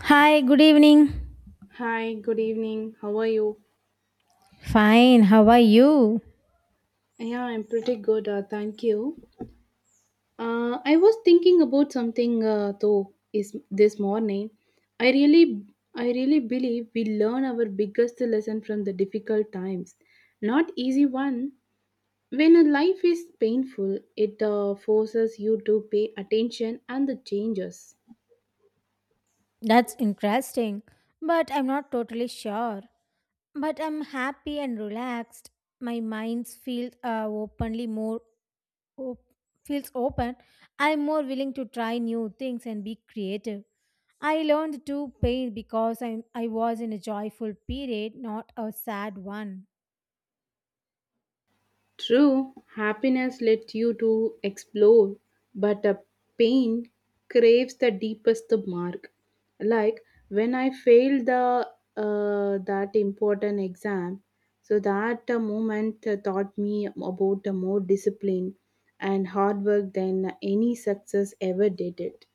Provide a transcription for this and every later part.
Hi, good evening. Hi, good evening. How are you? Fine, how are you? Yeah, I'm pretty good. Thank you. I was thinking about something though is this morning. I really, I really believe we learn our biggest lesson from the difficult times, not easy one. When a life is painful, it forces you to pay attention and the changes. That's interesting, but I'm not totally sure. But I'm happy and relaxed. My mind feels openly more op- feels open. I'm more willing to try new things and be creative. I learned to paint because I was in a joyful period, not a sad one. True, happiness lets you to explore, but a pain craves the deepest mark. Like when I failed the that important exam, so that moment taught me about a more discipline and hard work than any success ever did it.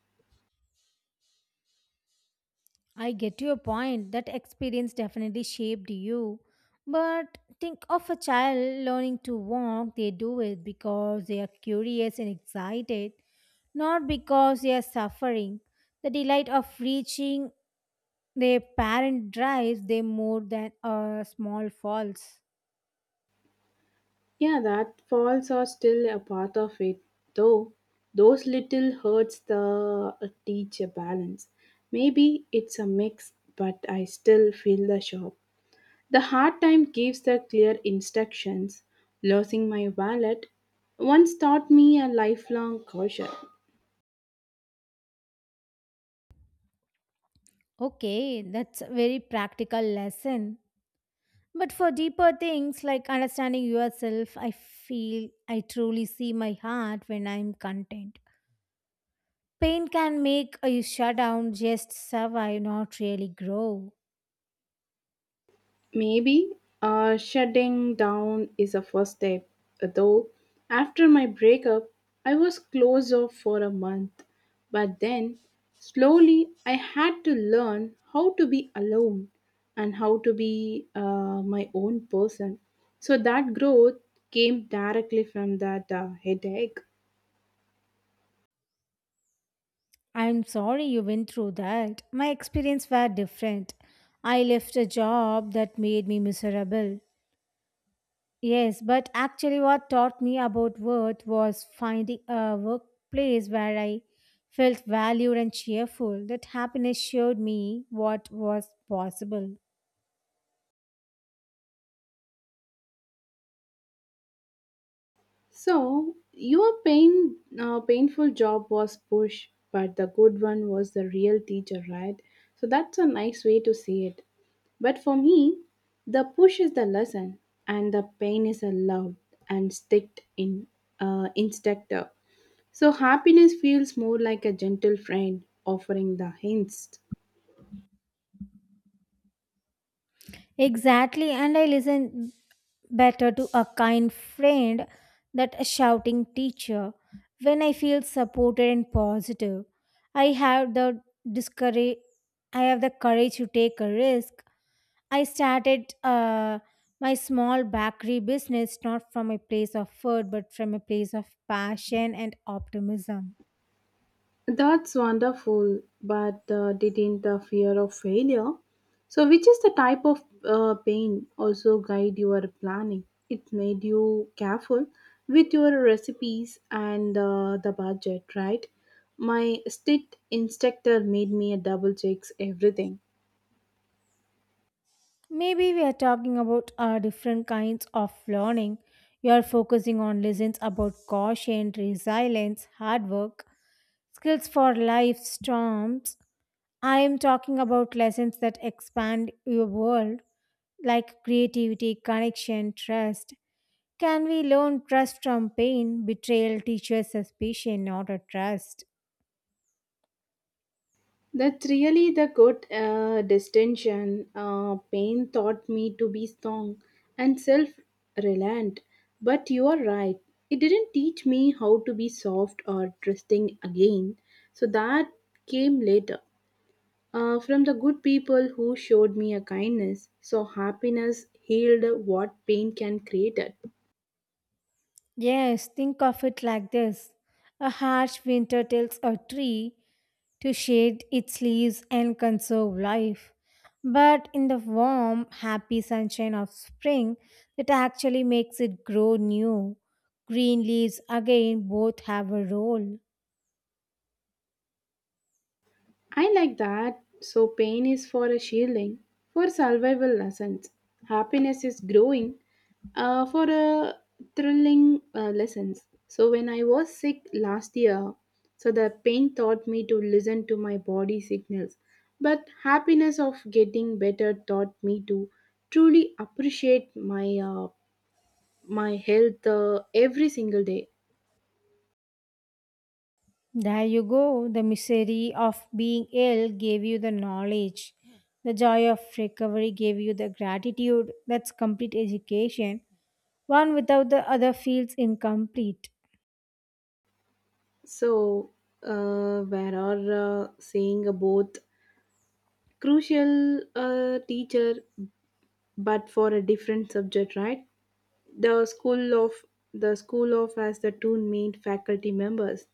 I get your point. That experience definitely shaped you. But think of a child learning to walk, they do it because they are curious and excited, not because they are suffering. The delight of reaching their parent drives them more than a small falls. Yeah, that falls are still a part of it, though. Those little hurts the teach a balance. Maybe it's a mix, but I still feel the shock. The hard time gives the clear instructions. Losing my wallet once taught me a lifelong caution. Okay, that's a very practical lesson. But for deeper things like understanding yourself, I feel I truly see my heart when I'm content. Pain can make you shut down, just survive, not really grow. Maybe shutting down is a first step. Though after my breakup, I was closed off for a month. But then, slowly, I had to learn how to be alone and how to be my own person. So that growth came directly from that headache. I'm sorry you went through that. My experience were different. I left a job that made me miserable. Yes, but actually, what taught me about worth was finding a workplace where I felt valued and cheerful. That happiness showed me what was possible. So your pain, painful job was push, but the good one was the real teacher, right? So that's a nice way to see it. But for me, the push is the lesson, and the pain is a love and sticked in instructor. So happiness feels more like a gentle friend offering the hints. Exactly, and I listen better to a kind friend than a shouting teacher. When I feel supported and positive, I have the discourage. I have the courage to take a risk. I started my small bakery business not from a place of food, but from a place of passion and optimism. That's wonderful, but didn't the fear of failure, so which is the type of pain, also guide your planning? It made you careful with your recipes and the budget, right? My state instructor made me double checks everything. Maybe we are talking about different kinds of learning. You are focusing on lessons about caution, resilience, hard work, skills for life storms. I am talking about lessons that expand your world, like creativity, connection, trust. Can we learn trust from pain? Betrayal teaches suspicion, not a trust. That's really the good distinction. Pain taught me to be strong and self reliant. But you are right. It didn't teach me how to be soft or trusting again. So that came later. From the good people who showed me a kindness. So happiness healed what pain can create. Yes, think of it like this. A harsh winter tells a tree to shade its leaves and conserve life. But in the warm, happy sunshine of spring, it actually makes it grow new. Green leaves again both have a role. I like that. So, pain is for a shielding, for survival lessons. Happiness is growing for a thrilling lessons. So, when I was sick last year, so the pain taught me to listen to my body signals. But happiness of getting better taught me to truly appreciate my health every single day. There you go. The misery of being ill gave you the knowledge. The joy of recovery gave you the gratitude. That's complete education. One without the other feels incomplete. So, where are saying both crucial teacher, but for a different subject, right? The school of has the two main faculty members,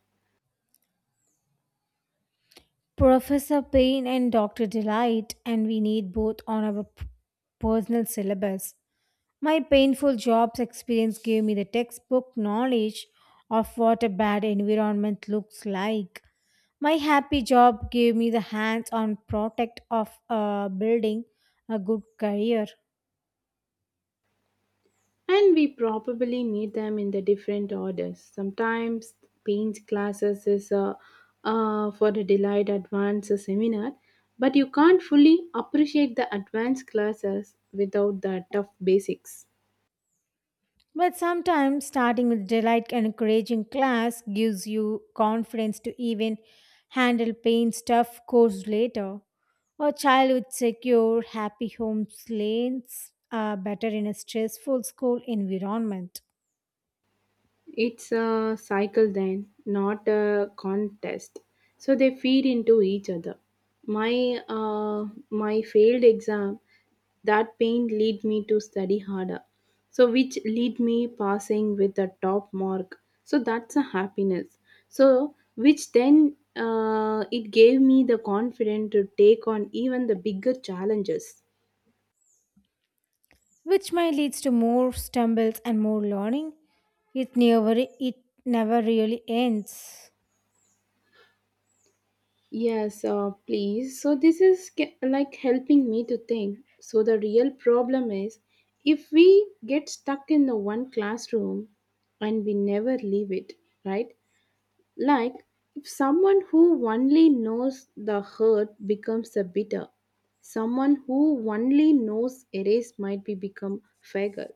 Professor Payne and Dr. Delight, and we need both on our personal syllabus. My painful jobs experience gave me the textbook knowledge of what a bad environment looks like. My happy job gave me the hands on protect of building a good career. and we probably need them in the different orders sometimes. Paint classes is for the delayed advanced seminar, but you can't fully appreciate the advanced classes without the tough basics. But sometimes starting with delight and encouraging class gives you confidence to even handle pain stuff course later. A child with secure, happy homes lanes are better in a stressful school environment, It's a cycle then, not a contest. So they feed into each other. My failed exam, that pain lead me to study harder. So which lead me passing with a top mark. So that's a happiness. So which then it gave me the confidence to take on even the bigger challenges. which might leads to more stumbles and more learning. It never really ends. Yes, please. So this is like helping me to think. So the real problem is if we get stuck in the one classroom and we never leave it, right? Like if someone who only knows the hurt becomes a bitter, someone who only knows erase might be become faggot.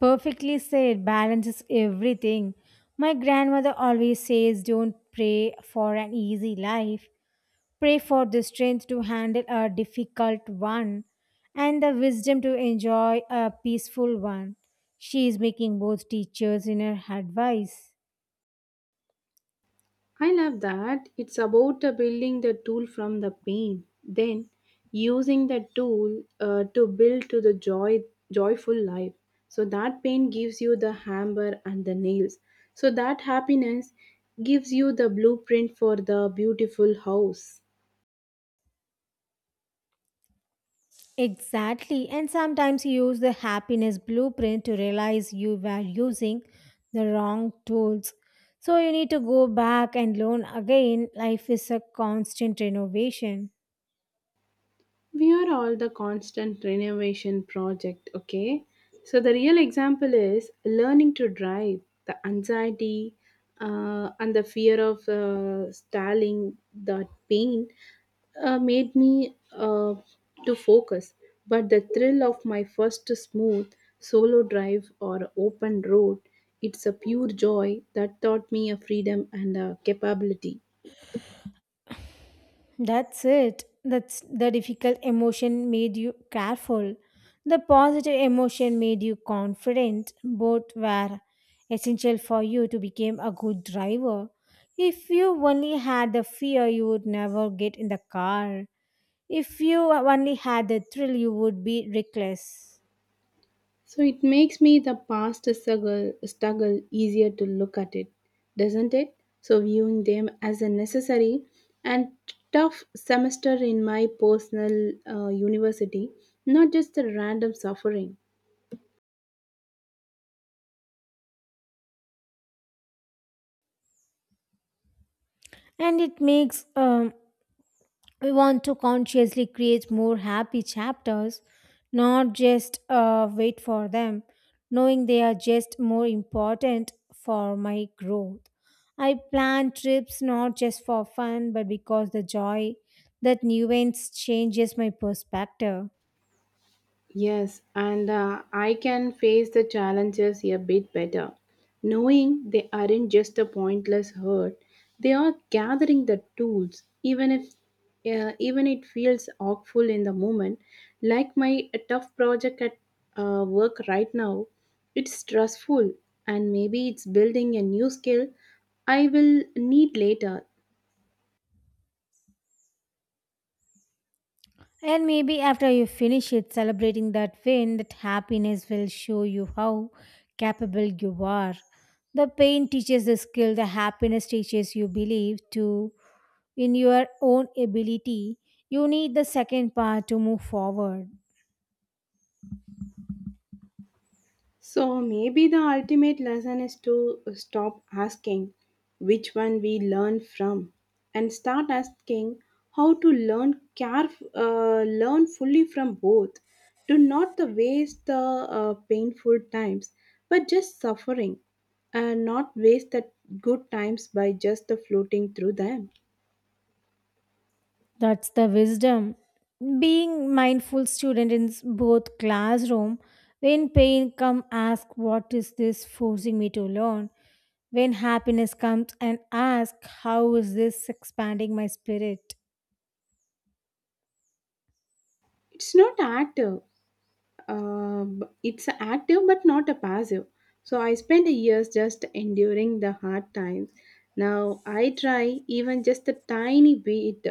Perfectly said, balance is everything. My grandmother always says don't pray for an easy life. Pray for the strength to handle a difficult one and the wisdom to enjoy a peaceful one. She is making both teachers in her advice. I love that. It's about building the tool from the pain, then using the tool to build to the joyful life. So that pain gives you the hammer and the nails. So that happiness gives you the blueprint for the beautiful house. Exactly, and sometimes you use the happiness blueprint to realize you were using the wrong tools. So you need to go back and learn again. Life is a constant renovation. We are all the constant renovation project. Okay, so the real example is learning to drive the anxiety and the fear of styling. That pain made me to focus, but the thrill of my first smooth solo drive or open road, it's a pure joy that taught me a freedom and a capability. That's it. That's the difficult emotion made you careful. The positive emotion made you confident. Both were essential for you to become a good driver. If you only had the fear, you would never get in the car. If you only had the thrill, you would be reckless. So it makes me the past struggle easier to look at it, doesn't it? So viewing them as a necessary and tough semester in my personal university, not just a random suffering. And it makes we want to consciously create more happy chapters, not just wait for them, knowing they are just more important for my growth. I plan trips not just for fun, but because the joy that new events changes my perspective. Yes, and I can face the challenges a bit better, knowing they aren't just a pointless hurt. They are gathering the tools, even if even it feels awful in the moment. Like my tough project at work right now, it's stressful, and maybe it's building a new skill I will need later. And maybe after you finish it, celebrating that win, that happiness will show you how capable you are. The pain teaches the skill, the happiness teaches you believe to in your own ability. You need the second part to move forward. So maybe the ultimate lesson is to stop asking which one we learn from and start asking how to learn care learn fully from both, to not the waste the painful times but just suffering, and not waste the good times by just the floating through them. That's the wisdom. Being mindful student in both classroom, when pain come ask what is this forcing me to learn. When happiness comes and asks, how is this expanding my spirit? It's not active. It's active but not a passive. So I spent years just enduring the hard times. Now I try even just a tiny bit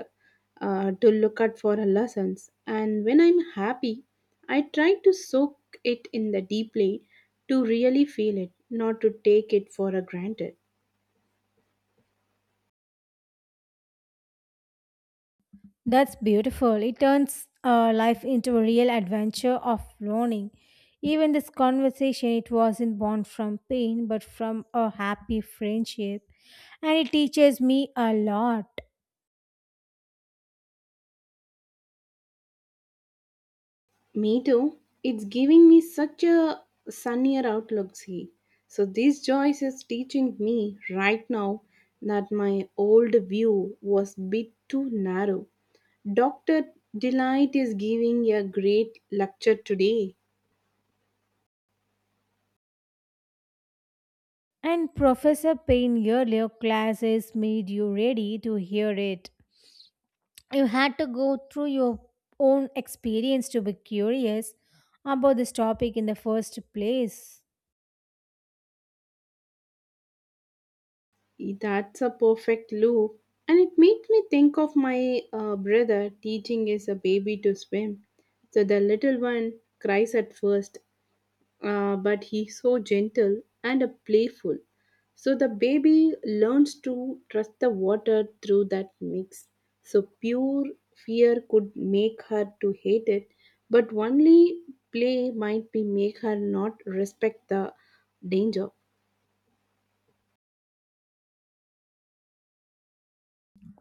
to look out for lessons. And when I'm happy, I try to soak it in the deeply to really feel it, not to take it for a granted. That's beautiful. It turns life into a real adventure of learning. Even this conversation, it wasn't born from pain, but from a happy friendship. And it teaches me a lot. Me too. It's giving me such a sunnier outlook, see. So this choice is teaching me right now that my old view was bit too narrow. Dr. Delight is giving a great lecture today. And Professor Payne earlier classes made you ready to hear it. You had to go through your own experience to be curious about this topic in the first place. That's a perfect loop. And it made me think of my brother teaching his a baby to swim. So the little one cries at first, but he's so gentle and playful. So the baby learns to trust the water through that mix. So pure fear could make her to hate it, but only play might be make her not respect the danger.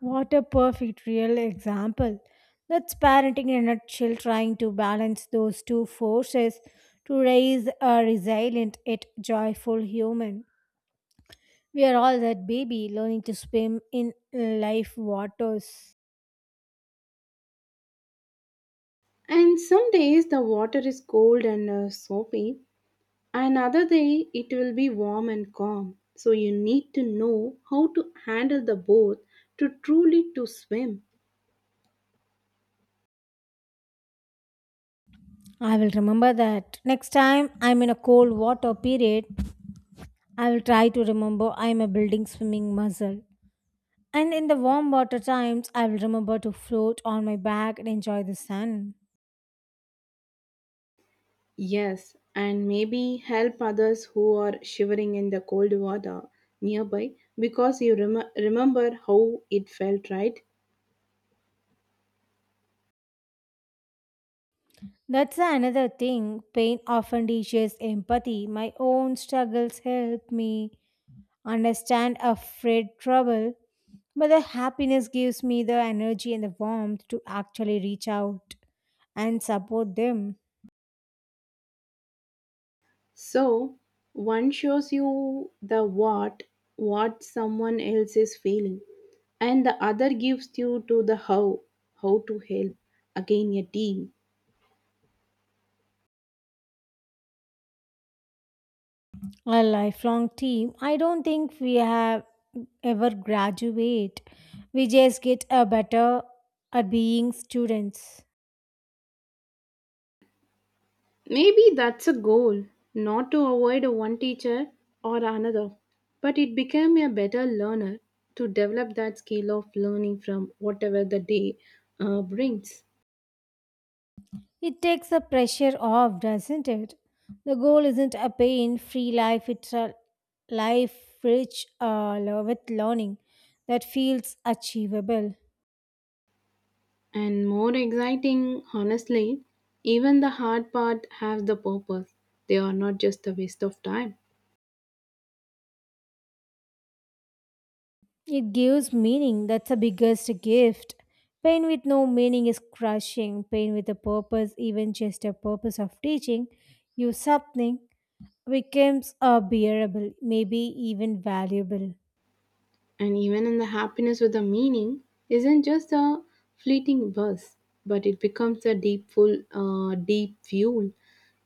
What a perfect real example. That's parenting in a nutshell, trying to balance those two forces to raise a resilient yet joyful human. We are all that baby learning to swim in life waters. And some days the water is cold and soapy, and other day it will be warm and calm. So you need to know how to handle the both to truly to swim. I will remember that. Next time I'm in a cold water period, I will try to remember I'm a building swimming muscle. And in the warm water times, I will remember to float on my back and enjoy the sun. Yes, and maybe help others who are shivering in the cold water nearby, because you remember how it felt, right? That's another thing. Pain often teaches empathy. My own struggles help me understand afraid trouble, but the happiness gives me the energy and the warmth to actually reach out and support them. So, one shows you the what someone else is feeling, and the other gives you to the how to help. Again, a team. A lifelong team. I don't think we have ever graduate. We just get a better at being students. Maybe that's a goal, not to avoid one teacher or another, but it became a better learner to develop that skill of learning from whatever the day brings. It takes the pressure off, doesn't it? The goal isn't a pain free life, it's a life rich with learning that feels achievable. And more exciting, honestly, even the hard part has the purpose. They are not just a waste of time. It gives meaning, that's the biggest gift. Pain with no meaning is crushing. Pain with a purpose, even just a purpose of teaching you something, becomes bearable, maybe even valuable. And even in the happiness with a meaning isn't just a fleeting buzz, but it becomes a deep fuel,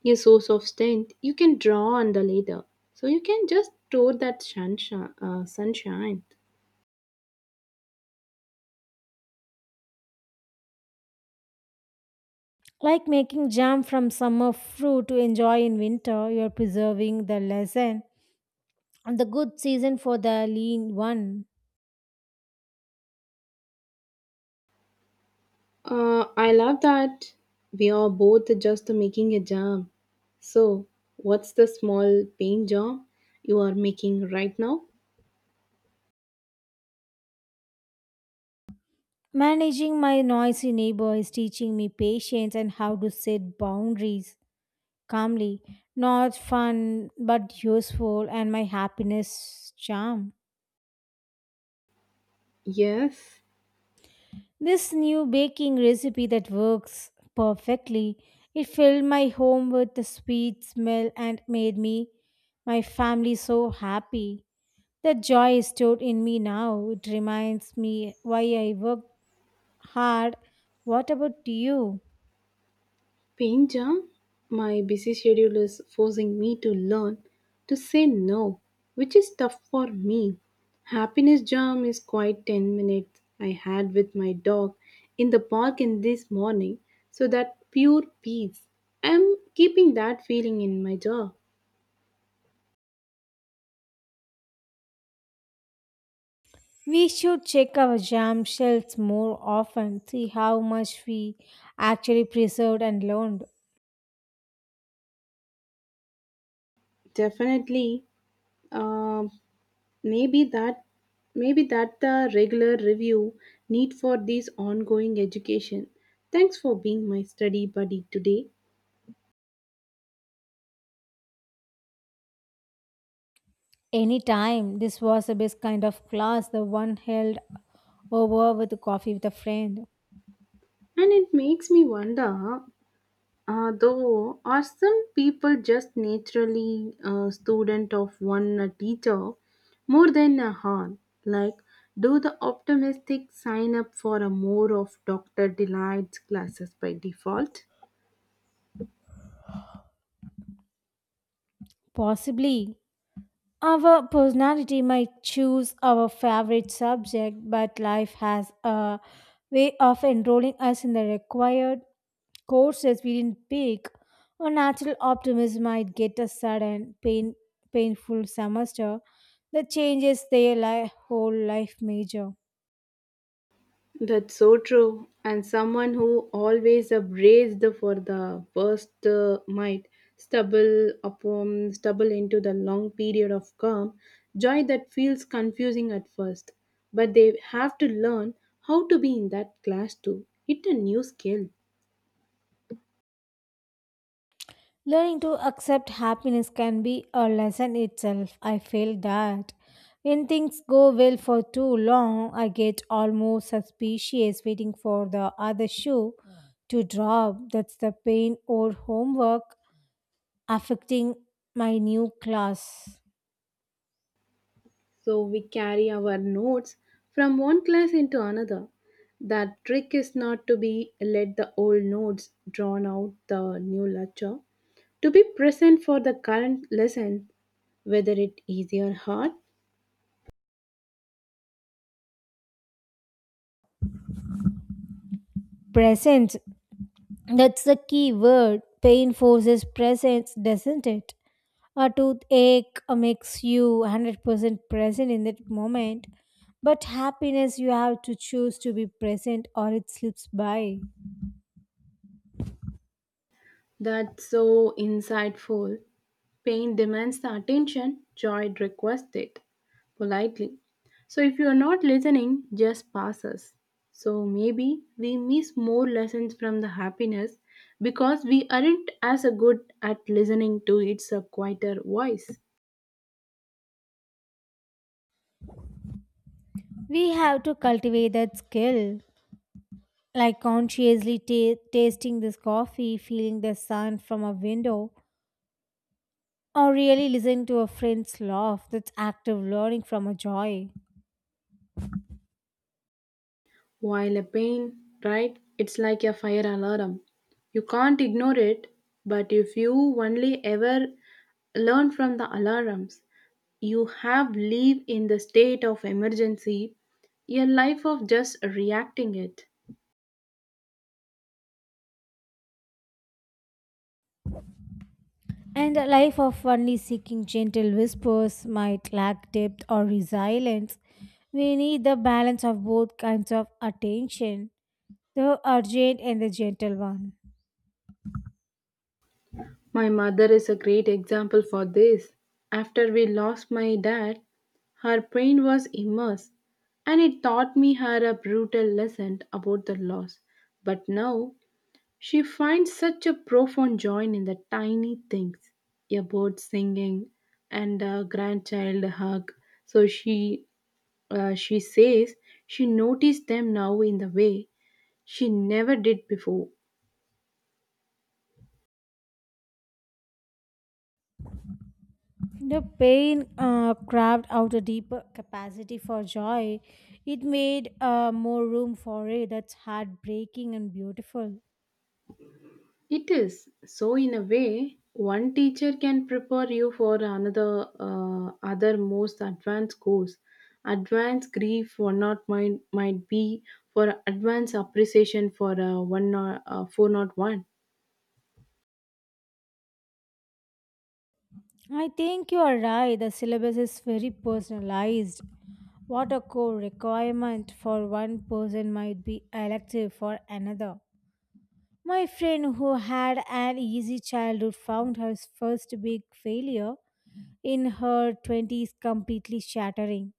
a source of strength you can draw on the later. So you can just store that sunshine. Like making jam from summer fruit to enjoy in winter, you're preserving the lesson and the good season for the lean one. I love that we are both just making a jam. So, what's the small paint job you are making right now? Managing my noisy neighbor is teaching me patience and how to set boundaries calmly. Not fun, but useful, and my happiness charm. Yes, This new baking recipe that works perfectly. It filled my home with the sweet smell and made me, my family, so happy. The joy is stored in me now. It reminds me why I work hard. What about you? Pain jam? My busy schedule is forcing me to learn to say no, which is tough for me. Happiness jam is quite 10 minutes I had with my dog in the park in this morning, so that pure peace. I'm keeping that feeling in my jaw. We should check our jam shells more often, see how much we actually preserved and learned. Definitely, uh, maybe that maybe that the regular review need for this ongoing education. Thanks for being my study buddy today. Any time, this was the best kind of class, the one held over with coffee with a friend. And it makes me wonder, though, are some people just naturally a student of one teacher more than a heart? Like, do the optimistic sign up for a more of Dr. Delight's classes by default? Possibly. Our personality might choose our favorite subject, but life has a way of enrolling us in the required courses we didn't pick. Our natural optimism might get a sudden, pain, painful semester that changes their whole life major. That's so true. And someone who always abrased for the worst might stumble upon stumble into the long period of calm, joy that feels confusing at first. But they have to learn how to be in that class too. It's a new skill. Learning to accept happiness can be a lesson itself. I feel that. When things go well for too long, I get almost suspicious waiting for the other shoe to drop. That's the pain or homework affecting my new class. So we carry our notes from one class into another. That trick is not to be let the old notes drown out the new lecture, to be present for the current lesson, whether it easy or hard. Present. That's the key word. Pain forces presence, doesn't it? A toothache makes you 100% present in that moment, but happiness you have to choose to be present or it slips by. That's so insightful. Pain demands the attention, joy requests it politely. So if you are not listening, just pass us. So maybe we miss more lessons from the happiness because we aren't as a good at listening to its quieter voice. We have to cultivate that skill, like consciously tasting this coffee, feeling the sun from a window, or really listening to a friend's laugh. That's active learning from a joy. While a pain, right, it's like a fire alarm. You can't ignore it, but if you only ever learn from the alarms, you have live in the state of emergency, a life of just reacting it. And a life of only seeking gentle whispers might lack depth or resilience. We need the balance of both kinds of attention, the urgent and the gentle one. My mother is a great example for this. After we lost my dad, her pain was immense, and it taught me her a brutal lesson about the loss. But now she finds such a profound joy in the tiny things, a bird singing and a grandchild hug. So she says she noticed them now in the way she never did before. The pain carved out a deeper capacity for joy. It made more room for it. That's heartbreaking and beautiful. It is. So, in a way, one teacher can prepare you for another, other most advanced course. Advanced grief for not mind might be for advanced appreciation for one or four not one. I think you are right. The syllabus is very personalized. What a core requirement for one person might be elective for another. My friend who had an easy childhood found her first big failure in her 20s completely shattering.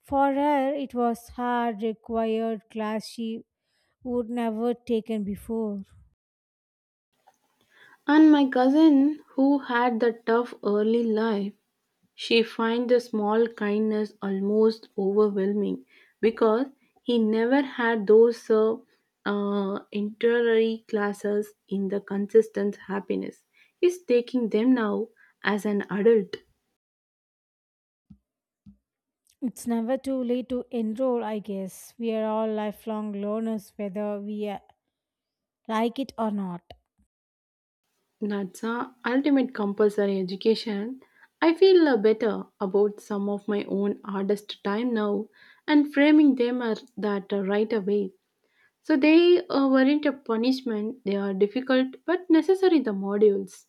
For her, it was hard, required class she would never taken before. And my cousin, who had the tough early life, she finds the small kindness almost overwhelming because he never had those interior classes in the consistent happiness. He's taking them now as an adult. It's never too late to enroll, I guess. We are all lifelong learners, whether we like it or not. That's a ultimate compulsory education. I feel better about some of my own hardest time now, and framing them are that right away. So they weren't a punishment, they are difficult but necessary the modules.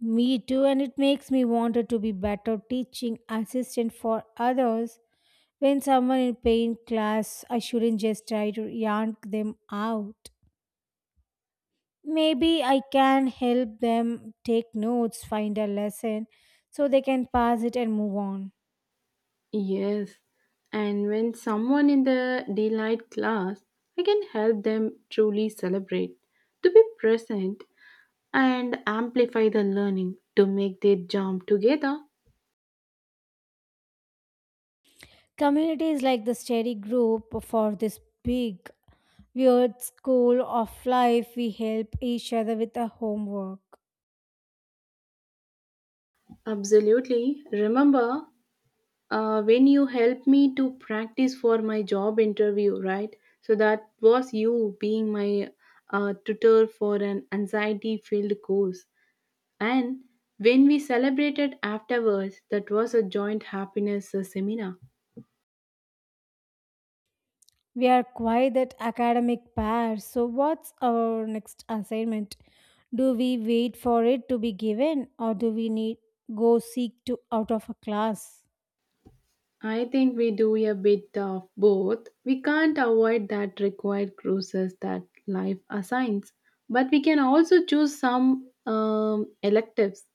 Me too, and it makes me wanted to be better teaching assistant for others. When someone in pain class, I shouldn't just try to yarn them out. Maybe I can help them take notes, find a lesson, so they can pass it and move on. Yes, and when someone in the delight class, I can help them truly celebrate, to be present and amplify the learning to make their jump together. Communities like the study group for this big, weird school of life, we help each other with the homework. Absolutely. Remember, when you helped me to practice for my job interview, right? So that was you being my tutor for an anxiety filled course. And when we celebrated afterwards, that was a joint happiness seminar. We are quite that academic pair, so what's our next assignment? Do we wait for it to be given or do we need go seek to out of a class? I think we do a bit of both. We can't avoid that required cruises that life assigns, but we can also choose some electives.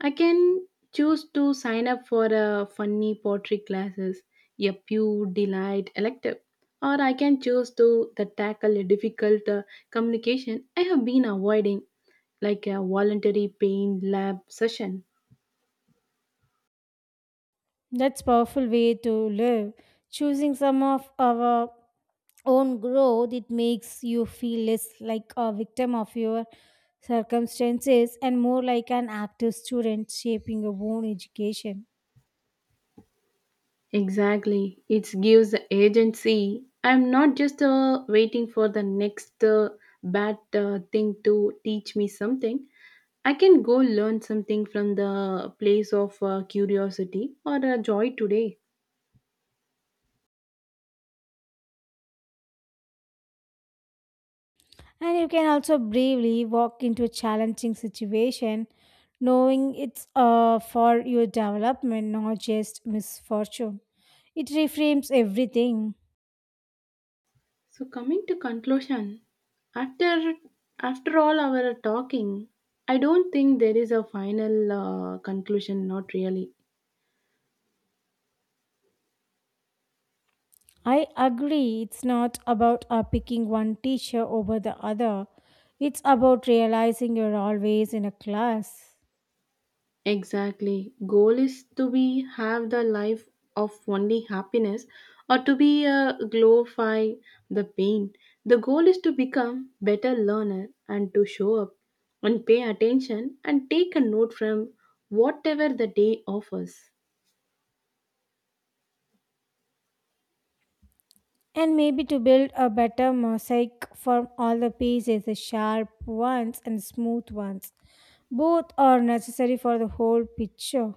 I can choose to sign up for a funny pottery classes, a pure delight elective, or I can choose to the tackle a difficult communication I have been avoiding, like a voluntary pain lab session. That's powerful way to live. Choosing some of our own growth, it makes you feel less like a victim of your circumstances and more like an active student shaping your own education. Exactly. It gives agency. I'm not just waiting for the next bad thing to teach me something. I can go learn something from the place of curiosity or joy today. And you can also bravely walk into a challenging situation knowing it's for your development, not just misfortune. It reframes everything. So coming to conclusion, after after all our talking, I don't think there is a final conclusion. Not really. I agree, it's not about picking one teacher over the other, it's about realizing you're always in a class. Exactly. Goal is to be have the life of only happiness or to be glorify the pain. The goal is to become better learner and to show up and pay attention and take a note from whatever the day offers. And maybe to build a better mosaic from all the pieces, the sharp ones and smooth ones. Both are necessary for the whole picture.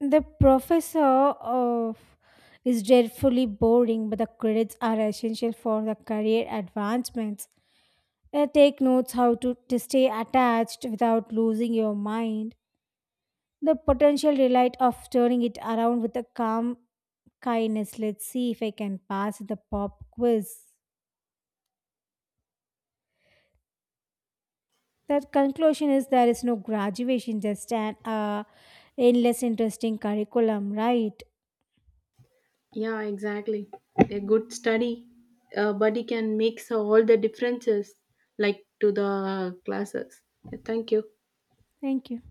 The professor of is dreadfully boring, but the credits are essential for the career advancements. Take notes how to stay attached without losing your mind. The potential delight of turning it around with a calm kindness. Let's see if I can pass the pop quiz. The conclusion is there is no graduation, just an endless interesting curriculum, right? Yeah, exactly. A good study buddy can make all the differences like to the classes. Thank you. Thank you.